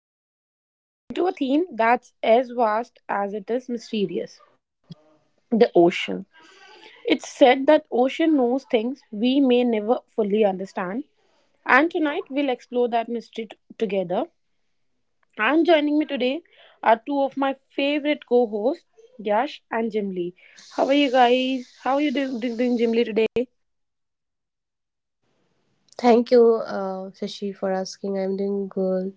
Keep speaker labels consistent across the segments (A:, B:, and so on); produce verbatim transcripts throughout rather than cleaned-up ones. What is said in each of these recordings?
A: diving into a theme that's as vast as it is mysterious. The ocean. It's said that ocean knows things we may never fully understand and tonight we'll explore that mystery t- together. And joining me today are two of my favorite co-hosts, Yash and Jimli. How are you guys? How are you do- do- doing Jimli today?
B: Thank you, uh, Shashi, for asking. I'm doing good.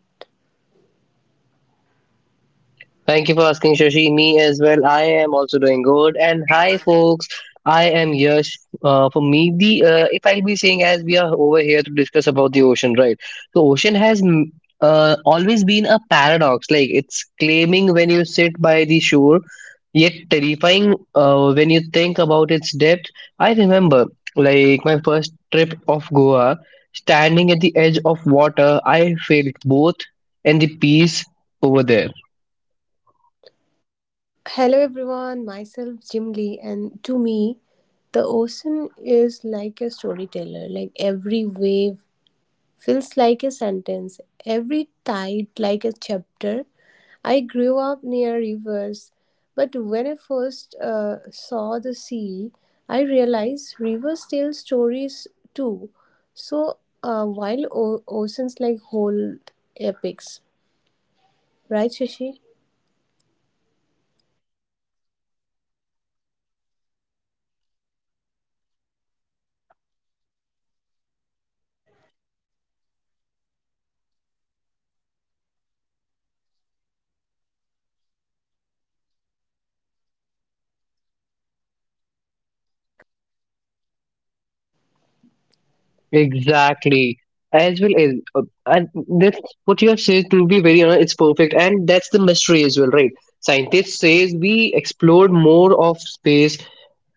C: Thank you for asking, Shashi. Me as well. I am also doing good. And hi, folks. I am Yash. Uh, for me, the uh, if I'll be saying as we are over here to discuss about the ocean, right? The ocean has mm, uh, always been a paradox. Like it's claiming when you sit by the shore, yet terrifying uh, when you think about its depth. I remember, like my first trip of Goa, standing at the edge of water, I felt both and the peace over there.
B: Hello, everyone. Myself, Jim Lee, and to me, the ocean is like a storyteller. Like every wave feels like a sentence, every tide like a chapter. I grew up near rivers, but when I first uh, saw the sea, I realized rivers tell stories too. So, uh, while o- oceans like hold epics. Right, Shashi?
A: Yes, beautifully said Jimli. I think that oceans are like a mirror. It reflects our emotions. When we are restless, its waves feels wild. When we are calm, it feels like a lullaby. And yet, beneath the surface, there are worlds we can't see.
C: Exactly. As well as, uh, and that's what you have said, to be very honest, it's perfect. And that's the mystery as well, right? Scientists says we explored more of space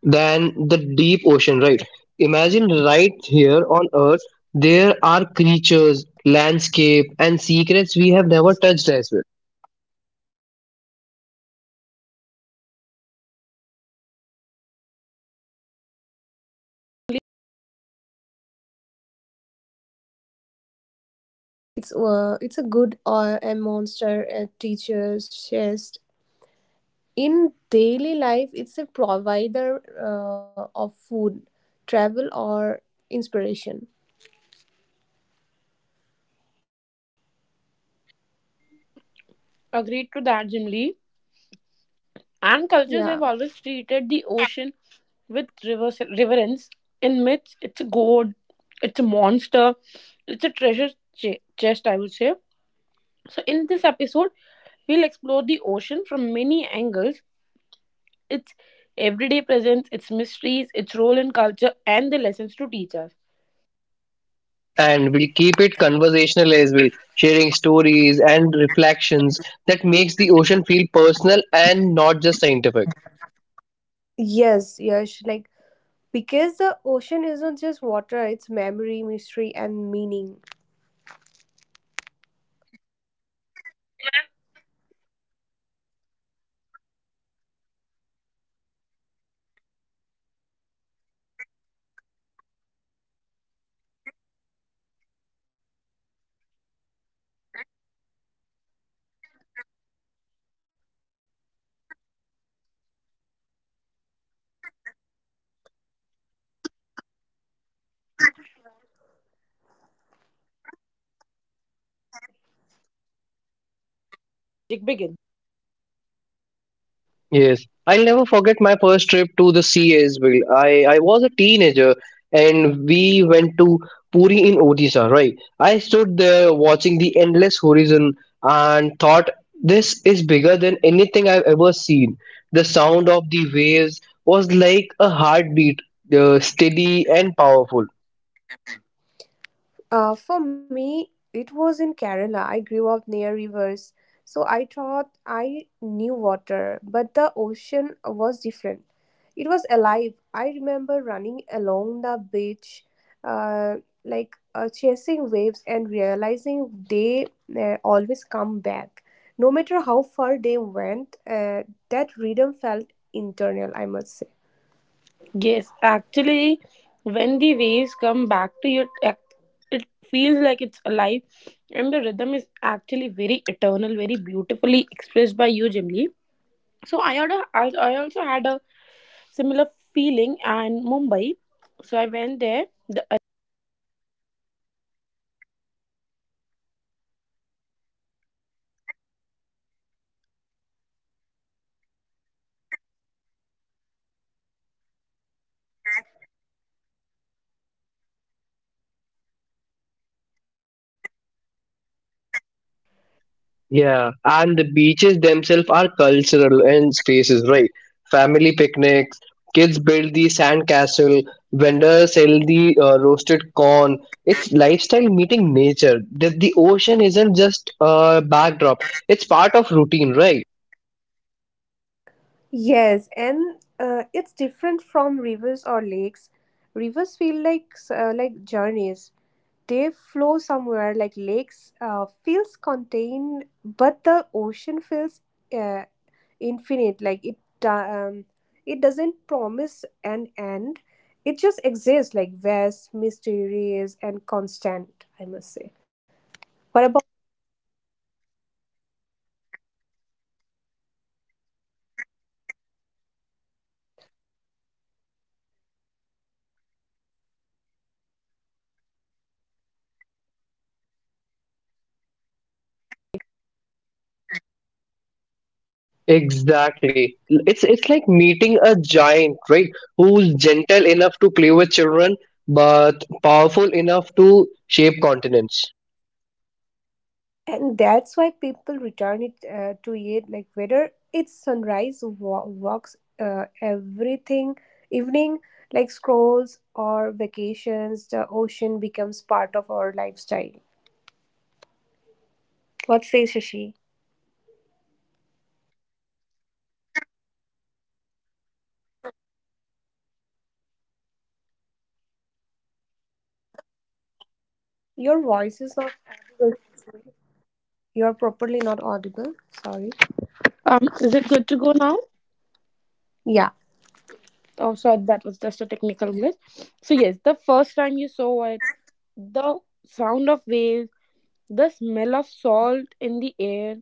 C: than the deep ocean, right? Imagine right here on Earth, there are creatures, landscape, and secrets we have never touched as well.
B: And uh, Yash, cultures have always treated
A: Yes, yes. And what about your thoughts,
B: the
A: Jimli?
B: ocean uh, with reverence. Uh, in might, it's uh, like it's uh, it's a good or a monster, a teacher's chest. In daily life, it's a provider uh, of food, travel, or inspiration.
A: Agreed to that, Jimli. And
B: Yeah.
A: cultures have always treated the ocean with reverse, reverence. In myths, it's a god, it's a monster, it's a treasure ch- chest, I would say. So, in this episode, we'll explore the ocean from many angles, its everyday presence, its mysteries, its role in culture, and the lessons to teach us.
C: And we'll keep it conversational as well, sharing stories and reflections that makes the ocean feel personal and not just scientific.
B: Yes, yes, like because the ocean is not just water; it's memory, mystery, and meaning.
A: Yes, so to our listeners, sit back, imagine the waves, and join us as we uncover what the ocean knows and what we never fully understand. So, there are some everyday encounters with the ocean. So, when we talk about the ocean, it's easy to think of mystery and depth, but for most of us, the connection is simple, like standing at the shore, feeling the waves that touches the feet. Everyday encounters with the oceans are where the magic begins.
C: Yes, I'll never forget my first trip to the sea as well. I, I was a teenager and we went to Puri in Odisha, right? I stood there watching the endless horizon and thought this is bigger than anything I've ever seen. The sound of the waves was like a heartbeat, uh, steady and powerful.
B: Uh, for me, it was in Kerala. I grew up near rivers, so I thought I knew water, but the ocean was different. It was alive. I remember running along the beach, uh, like uh, chasing waves, and realizing they uh, always come back. No matter how far they went, uh, that rhythm felt internal, I must say.
A: Yes, actually, when the waves come back to you, it it feels like it's alive, and the rhythm is actually very eternal, very beautifully expressed by you, Jimli. So I had a, I, I also had a similar feeling and Mumbai. So I went there, the Arabian Sea at Marine Drive. Can't tell you, like it's not just a water, it's a companion. People sit there for hours watching waves crash against the rocks. Some come to think, some to heal, some just to breathe. The ocean becomes a part of their daily life, I would say.
C: Yeah, and the beaches themselves are cultural and spaces, right? Family picnics, kids build the sand castle, vendors sell the uh, roasted corn. It's lifestyle meeting nature. The, the ocean isn't just a backdrop; it's part of routine, right?
B: Yes, and uh, it's different from rivers or lakes. Rivers feel like uh, like journeys. They flow somewhere. Like lakes uh, feels contained, but the ocean feels uh, infinite. Like it do- um, it doesn't promise an end. It just exists, like vast, mysterious, and constant. I must say.
A: And yet
B: What about
A: it's actually approachable, I would say. So you can walk barefoot on the sand, let the wave tickle your toes, collect some shells, and everyday encounters reminds us that the ocean is both ordinary and extraordinary.
C: Exactly. It's it's like meeting a giant, right? Who's gentle enough to play with children, but powerful enough to shape continents.
B: and that's why people return it uh, to it, like whether it's sunrise wa- walks, uh, everything, evening like scrolls or vacations, the ocean becomes part of our lifestyle. What says Shashi?
A: Yes, and so to our listener, think of your own encounters with the ocean, the first time.
B: Your voice is not audible. You're properly not audible. Sorry.
A: Um, is it good to go now?
B: Yeah.
A: Oh, sorry, that was just a technical glitch. So, yes, the first time you saw it, the sound of waves, the smell of salt in the air,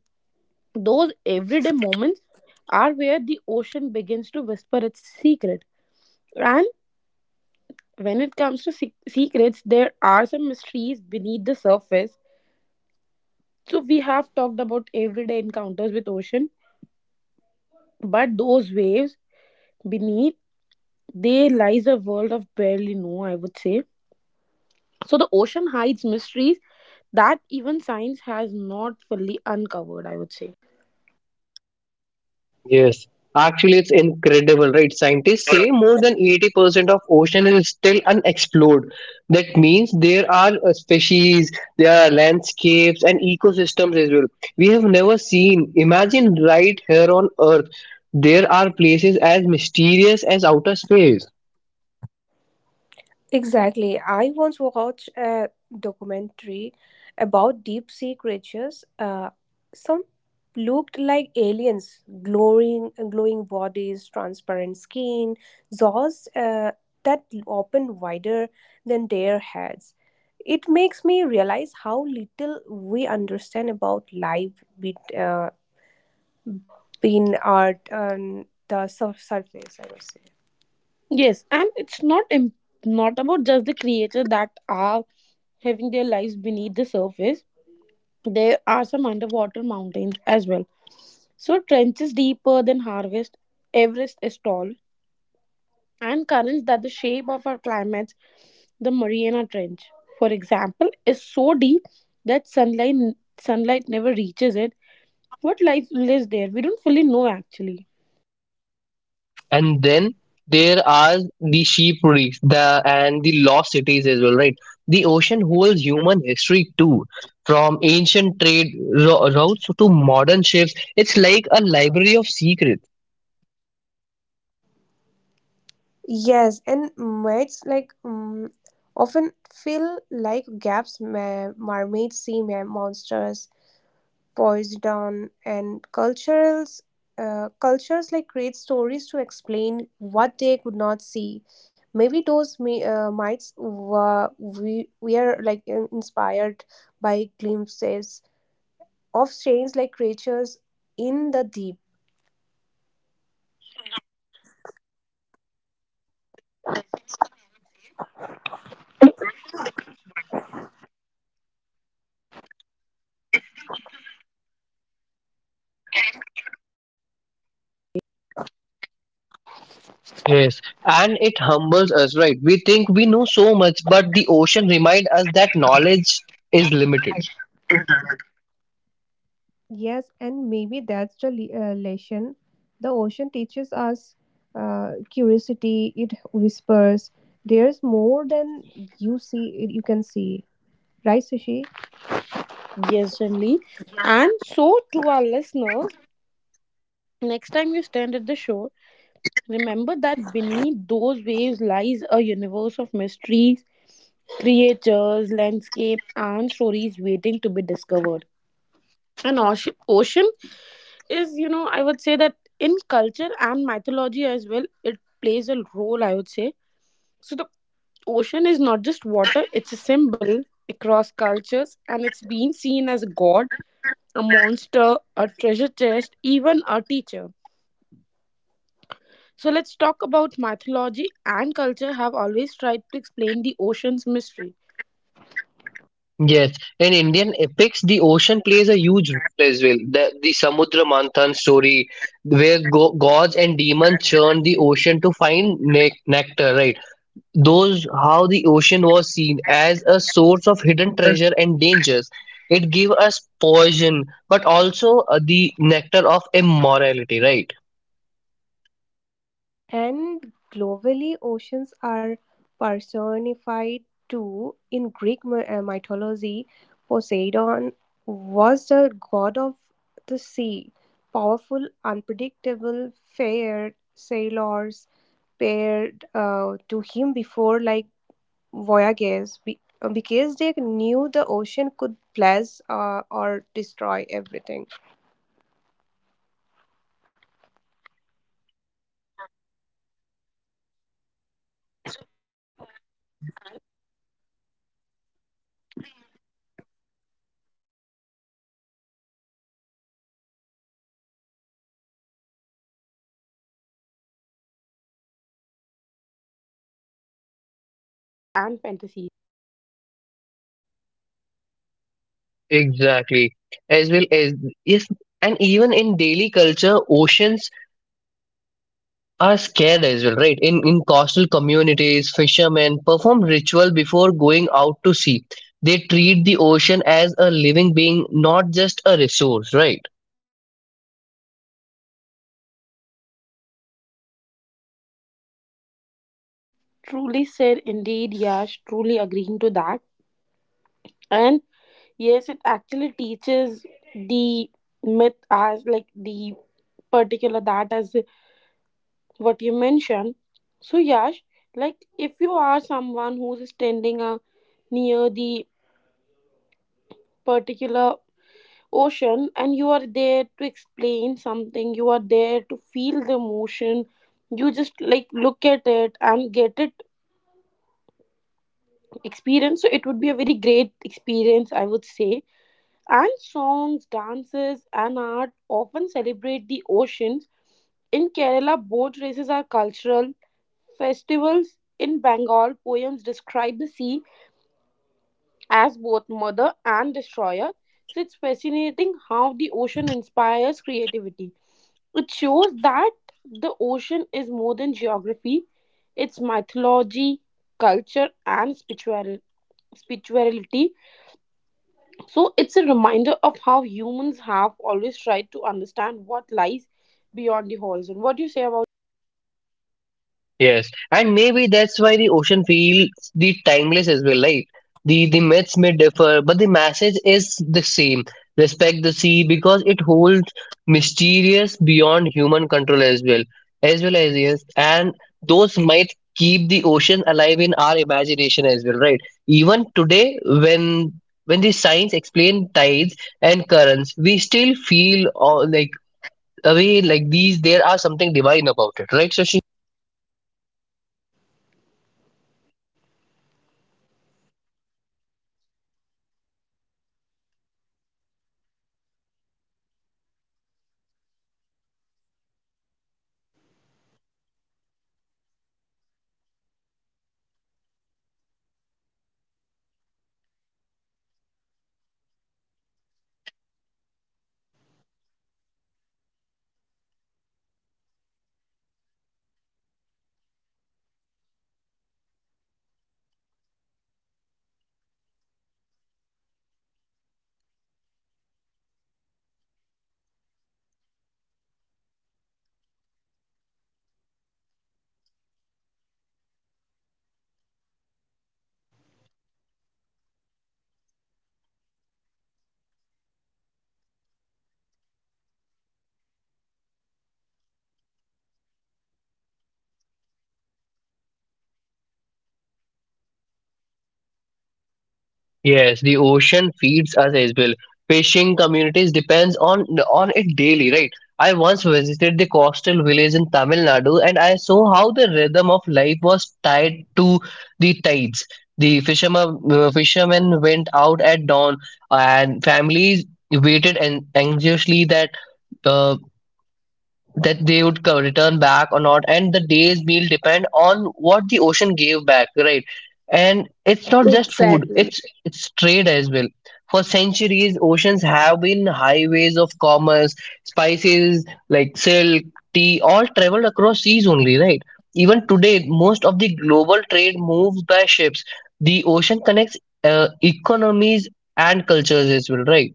A: those everyday moments are where the ocean begins to whisper its secret. And when it comes to se- secrets, there are some mysteries beneath the surface. So, we have talked about everyday encounters with ocean, but those waves beneath, there lies a world of barely know, I would say. So, the ocean hides mysteries that even science has not fully uncovered, I would say.
C: Yes, actually, it's incredible, right? Scientists say more than eighty percent of ocean is still unexplored. That means there are uh, species, there are landscapes and ecosystems as well. We have never seen. Imagine right here on Earth, there are places as mysterious as outer space.
B: Exactly. I once watched a documentary about deep sea creatures. Uh, some looked like aliens, glowing, glowing bodies, transparent skin, jaws uh, that open wider than their heads. It makes me realize how little we understand about life bet- uh, between our um, the sur- surface. I would say.
A: Yes, and it's not im- not about just the creatures that are having their lives beneath the surface. There are some underwater mountains as well. So trenches deeper than harvest, Everest is tall, and currents that the shape of our climates. The Mariana Trench, for example, is so deep that sunlight sunlight never reaches it. What life lives there we don't fully know actually.
C: And then there are the sheep reefs the and the lost cities as well, right? The ocean holds human history too, from ancient trade ro- routes to modern ships. It's like a library of secrets.
B: Yes, and mermaids like mm often fill like gaps. Ma- mermaids, sea ma- monsters, poison, and cultures, uh, cultures like create stories to explain what they could not see. Maybe those ma- uh, mites were we we are like in- inspired by glimpses of strange like creatures in the deep.
A: Yes. And that's actually very fascinating, I would say. The ocean becomes both science and story. So, on one hand, it's the ecosystem and the geology, on the other hand, it's mystery and imagination.
C: Yes, and it humbles us, right? We think we know so much, but the ocean reminds us that knowledge is limited.
B: Yes, and maybe that's the le- uh, lesson. The ocean teaches us uh, curiosity. It whispers, "There's more than you see. You can see." Right, Sushi?
A: Yes, Jimli. And so, to our listeners, next time you stand at the shore, remember that beneath those waves lies a universe of mysteries, creatures, landscape, and stories waiting to be discovered. And ocean, ocean is, you know, I would say that in culture and mythology as well, it plays a role, I would say. So the ocean is not just water, it's a symbol across cultures and it's been seen as a god, a monster, a treasure chest, even a teacher. So let's talk about mythology and culture have always tried to explain the ocean's mystery.
C: Yes, in Indian epics, the ocean plays a huge role as well. The, the Samudra Manthan story, where go- gods and demons churn the ocean to find ne- nectar, right? Those how the ocean was seen as a source of hidden treasure and dangers. It gave us poison, but also uh, the nectar of immorality, right?
B: And globally, oceans are personified too. In Greek my- uh, mythology, Poseidon was the god of the sea, powerful, unpredictable, fair sailors paired uh, to him before like voyagers be- uh, because they knew the ocean could bless uh, or destroy everything.
A: Exactly. And then there are stories of mermaids and sea monsters. So, cultures created their myths to explain strange sightings and maybe glowing fish or giant squids, but they also reflect human imagination. The ocean became a canvas for our fears and fantasies.
C: Exactly. As well as yes, and even in daily culture, oceans are scared as well, right? In in coastal communities, fishermen perform ritual before going out to sea. They treat the ocean as a living being, not just a resource, right?
A: Truly said, indeed, Yash, truly agreeing to that. And yes, it actually teaches the myth as like the particular that as what you mentioned. So, Yash, like if you are someone who's standing uh, near the particular ocean and you are there to explain something, you are there to feel the emotion, you just like look at it and get it experience. So, it would be a very great experience, I would say. And songs, dances, and art often celebrate the oceans. In Kerala, boat races are cultural. Festivals in Bengal poems describe the sea as both mother and destroyer. So it's fascinating how the ocean inspires creativity. It shows that the ocean is more than geography, it's mythology, culture, and spiritual- spirituality. So it's a reminder of how humans have always tried to understand what lies beyond the horizon. What do you say about this, Yash?
C: Yes, and maybe that's why the ocean feels the timeless as well, right? The the myths may differ, but the message is the same. Respect the sea because it holds mysterious beyond human control as well, as well as yes, and those might keep the ocean alive in our imagination as well, right? Even today, when when the science explain tides and currents, we still feel uh, like away like these. There are something divine about it, right? So
A: Yes, exactly. And yes, to those myths, keep the ocean alive in our imagination. Even today, when science explains tides and currents, we still feel uh, awe, like there's something divine about it. So, to our listeners, remember when you hear this particular sound of the ocean, you will be there crashing. You are hearing echoes of the stories told for centuries. The oceans is not just water, it's culture, mythology, and mystery. And there are some human connection and dependence as well. So, coming to this, we have explored the ocean's mystery and myths, but let's talk about something closer to home, our connection with the ocean. Because be- beyond the wonder, wonder, the ocean is also our lifeline, I would say.
C: yes, the ocean feeds us as well. Fishing communities depends on on it daily, right? I once visited the coastal village in Tamil Nadu and I saw how the rhythm of life was tied to the tides. The fishermen uh, fishermen went out at dawn and families waited an anxiously that uh, that they would co- return back or not, and the day's meal depend on what the ocean gave back, right? And it's not just food,
D: Exactly.
C: it's it's trade as well. For centuries, oceans have been highways of commerce. Spices, like silk, tea, all traveled across seas only, right? Even today, most of the global trade moves by ships. The ocean connects uh, economies and cultures as well, right?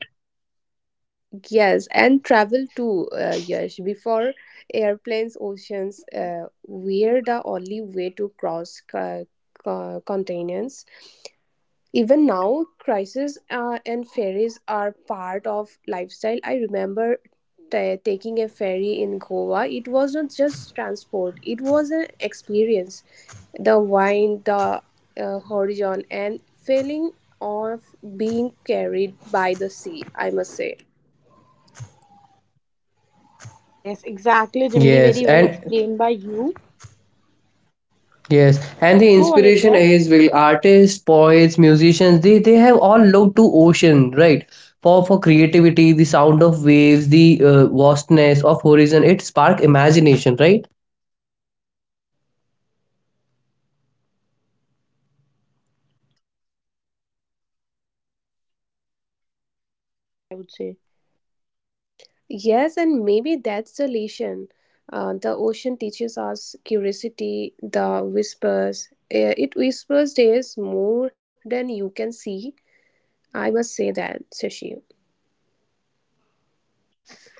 D: Yes, and travel too, uh, Yash. Before airplanes, oceans uh, were the only way to cross co- co- continents. Even now, crises uh, and ferries are part of lifestyle. I remember ta taking a ferry in Goa. It was not just transport; it was an experience. The wind, the uh, horizon, and feeling of being carried by the sea, I must say.
A: Yes, exactly, Jimli. Very well explained by you. Go ahead, Yash. Exactly. So, Jimli, what's your thought about this? Like the healing part, I would say.
D: Yes, and maybe that's the lesson. Uh, the ocean teaches us curiosity, the whispers. Eh, It whispers there's more than you can see, I must say that, Sashi.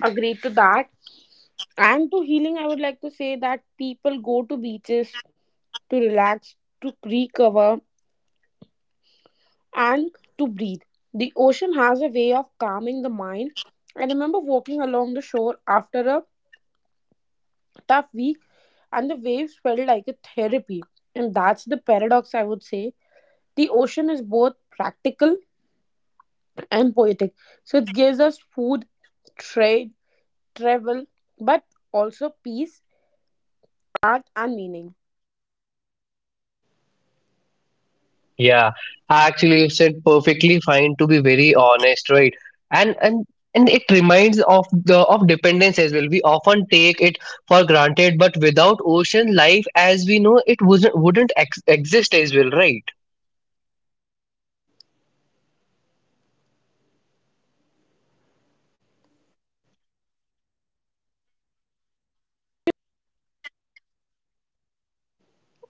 A: Agreed to that. And to healing, I would like to say that people go to beaches to relax, to recover, and to breathe. The ocean has a way of calming the mind. I remember walking along the shore after a tough week, and the waves felt like a therapy. And that's the paradox, I would say. The ocean is both practical and poetic. So it gives us food, trade, travel, but also peace, art, and meaning.
C: Yeah, actually, you said perfectly fine, to be very honest, right? And and and it reminds of the of dependence as well. We often take it for granted, but without ocean, life as we know it wouldn't wouldn't ex- exist as well, right?
A: Agreed to this, yeah, Shrili. So, Jamli, what's your thought on this?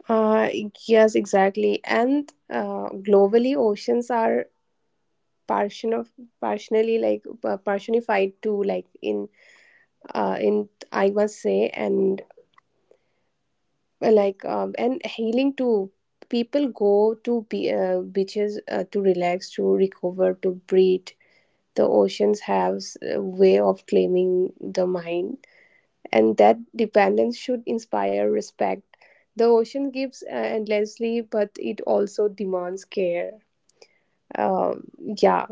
D: Uh, yes, exactly. And uh, globally, oceans are person of personally like uh, personified too, like in uh, in, I must say, and uh, like um, and healing too. People go to be, uh, beaches uh, to relax, to recover, to breathe. The oceans have a way of claiming the mind, and that dependence should inspire respect. The ocean gives uh, endlessly, but it also demands care. um, yeah,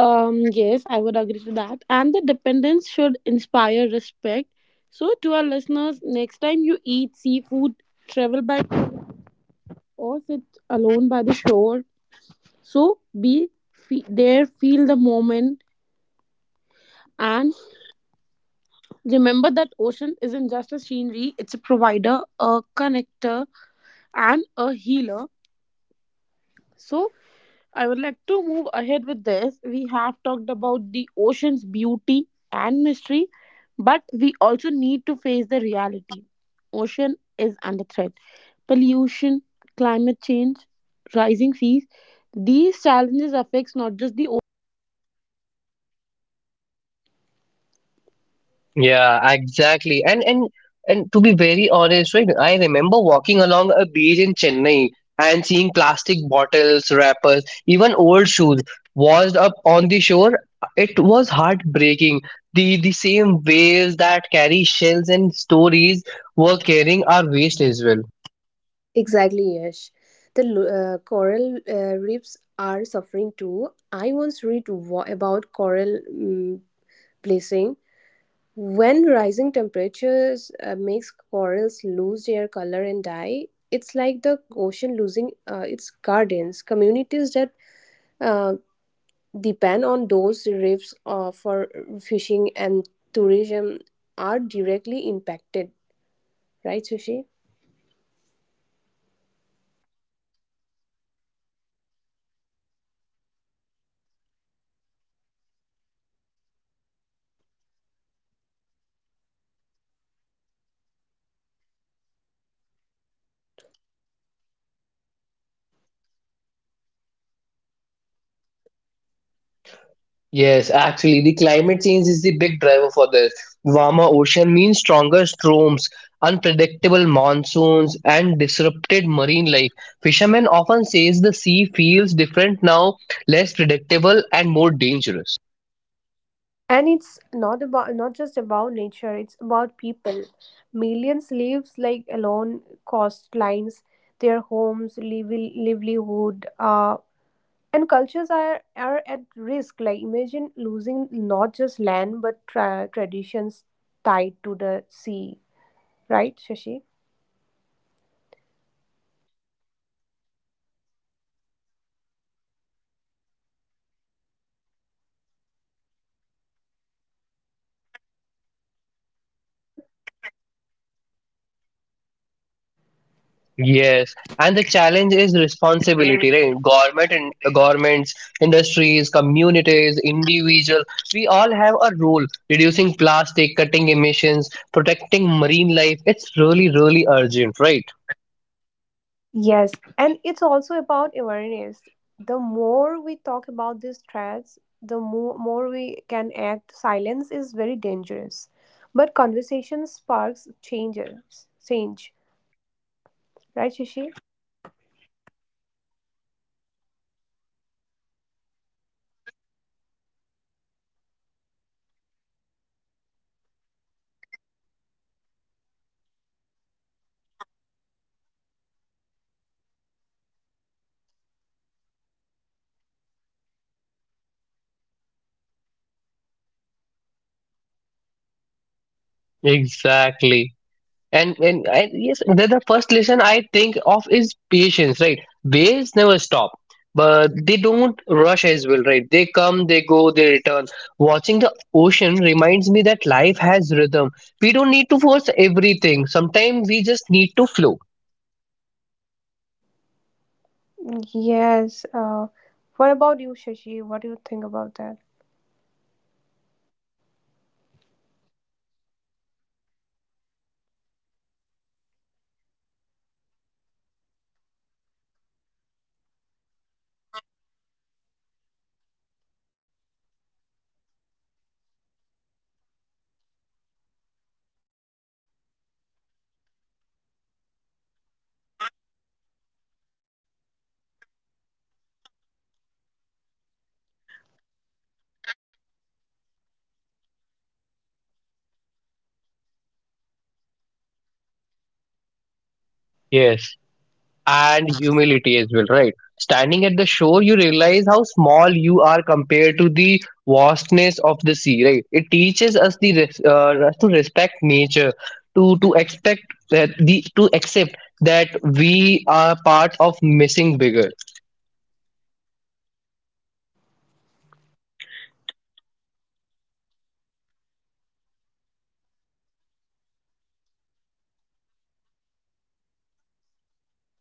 A: Um, yes, I would agree to that. And the dependence should inspire respect. So, to our listeners, next time you eat seafood, travel by boat, or sit alone by the shore, so be fe- there, feel the moment and remember that ocean isn't just a scenery, it's a provider, a connector, and a healer. So, I would like to move ahead with this. We have talked about the ocean's beauty and mystery, but we also need to face the reality. Ocean is under threat. Pollution, climate change, rising seas, these challenges affects not just the oceans but all of.
C: Yeah, exactly. And and and to be very honest, right, I remember walking along a beach in Chennai and seeing plastic bottles, wrappers, even old shoes washed up on the shore. It was heartbreaking. The the same waves that carry shells and stories were carrying our waste as well.
D: exactly. Yes, the lo- uh, coral uh, reefs are suffering too. I once read wa- about coral, um, bleaching. When rising temperatures uh, makes corals lose their color and die, it's like the ocean losing uh, its gardens. Communities that uh, depend on those reefs uh, for fishing and tourism are directly impacted, right, Sushi?
A: Yes, and the rising sea levels are another challenge, I would say. So, in coastal cities like Mumbai and Kolkata, flooding is becoming a is becoming more frequent than earlier. So, the oceans are pushing back, and it is reminding us that our actions have some consequences as well.
C: Yes, actually, the climate change is the big driver for this. Warmer ocean means stronger storms, unpredictable monsoons, and disrupted marine life. Fishermen often says the sea feels different now, less predictable and more dangerous.
D: And it's not about not just about nature, it's about people. Millions lives like alone coastlines, their homes, liv- livelihood, uh, and cultures are are at risk. Like, imagine losing not just land but tra- traditions tied to the sea, right, Shashi?
A: Yes, and that's the painful truth I would say because the oceans gives us so much that we've taken it for granted. Pollution, overfishing, climate change. It's like we've forgotten the ocean is alive.
C: Yes, and the challenge is responsibility, right? Government and uh, governments, industries, communities, individuals, we all have a role reducing plastic, cutting emissions, protecting marine life. It's really, really urgent, right?
D: Yes, and it's also about awareness. The more we talk about these threats, the more, more we can act. Silence is very dangerous, but conversation sparks changes change,
A: So,
D: right, Shashi?
A: to our listeners, next time you see the ocean, don't just admire its beauty. Remember its struggles. The ocean is powerful, but it needs our respect and care. So, we have seen oceans mystery, myth, and lifeline. But beyond all that, the ocean is also a teacher. It holds a lesson about resilience and balance.
C: Exactly. And, and and yes, the, the first lesson I think of is patience, right? Waves never stop, but they don't rush as well, right? They come, they go, they return. Watching the ocean reminds me that life has rhythm. We don't need to force everything. Sometimes we just need to flow.
D: Yes. Uh, what about you, Shashi? What do you think about that?
A: So, on this particular, the depth, the ocean teaches us what's visible only the surface. Beneath there are la- layers, mysteries, and strength. It's a reminder that people too have depth, stories, and emotions we don't always see. So, that's powerful. For me, the ocean teaches resilience. Storms may shake it and winds may disturb it, but it always finds balance again, just like in life. We face challenges, but we can return to calm.
C: Yes, and humility as well, right? Standing at the shore, you realize how small you are compared to the vastness of the sea, right? It teaches us the res- uh, us to respect nature, to to expect that the to accept that we are part of missing bigger.
A: Totally agree to this. And so, what listeners, next time you are near the ocean, don't just see the wa- water, see patience, depth, resilience, humility,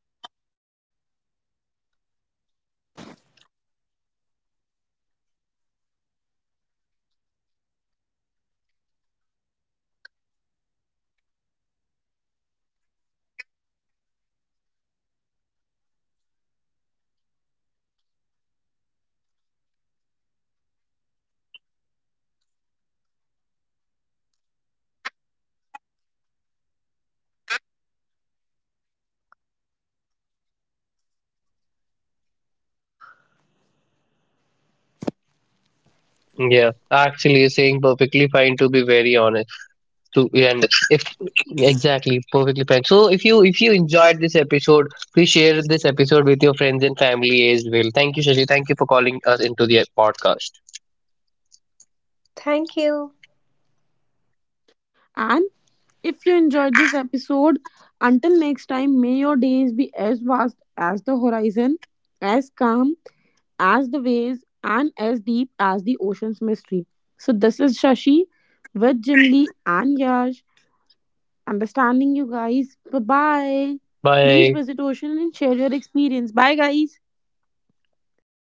A: connection, and creativity. The ocean knows the things we never understand, but it often teaches the things we forget. So, we have journeyed through the ocean today, its mystery that are there, everyday encounters, its myths, its gifts, and its challenges as well. And what stands out in this? The ocean is more than a water, it's a teacher, a mirror, and a reminder of how we still don't understand.
C: Yeah, actually, you're saying perfectly fine, to be very honest. To and if exactly perfectly fine, so if you if you enjoyed this episode, please share this episode with your friends and family as well. Thank you, Shashi. Thank you for calling us into the podcast.
D: Thank you.
A: And if you enjoyed this episode, until next time, may your days be as vast as the horizon, as calm as the waves, and as deep as the ocean's mystery. So, this is Shashi with Jim Lee and Yash. Understanding you guys. Bye bye. Please
C: Bye.
A: visit Ocean and share your experience. Bye, guys.
D: Bye.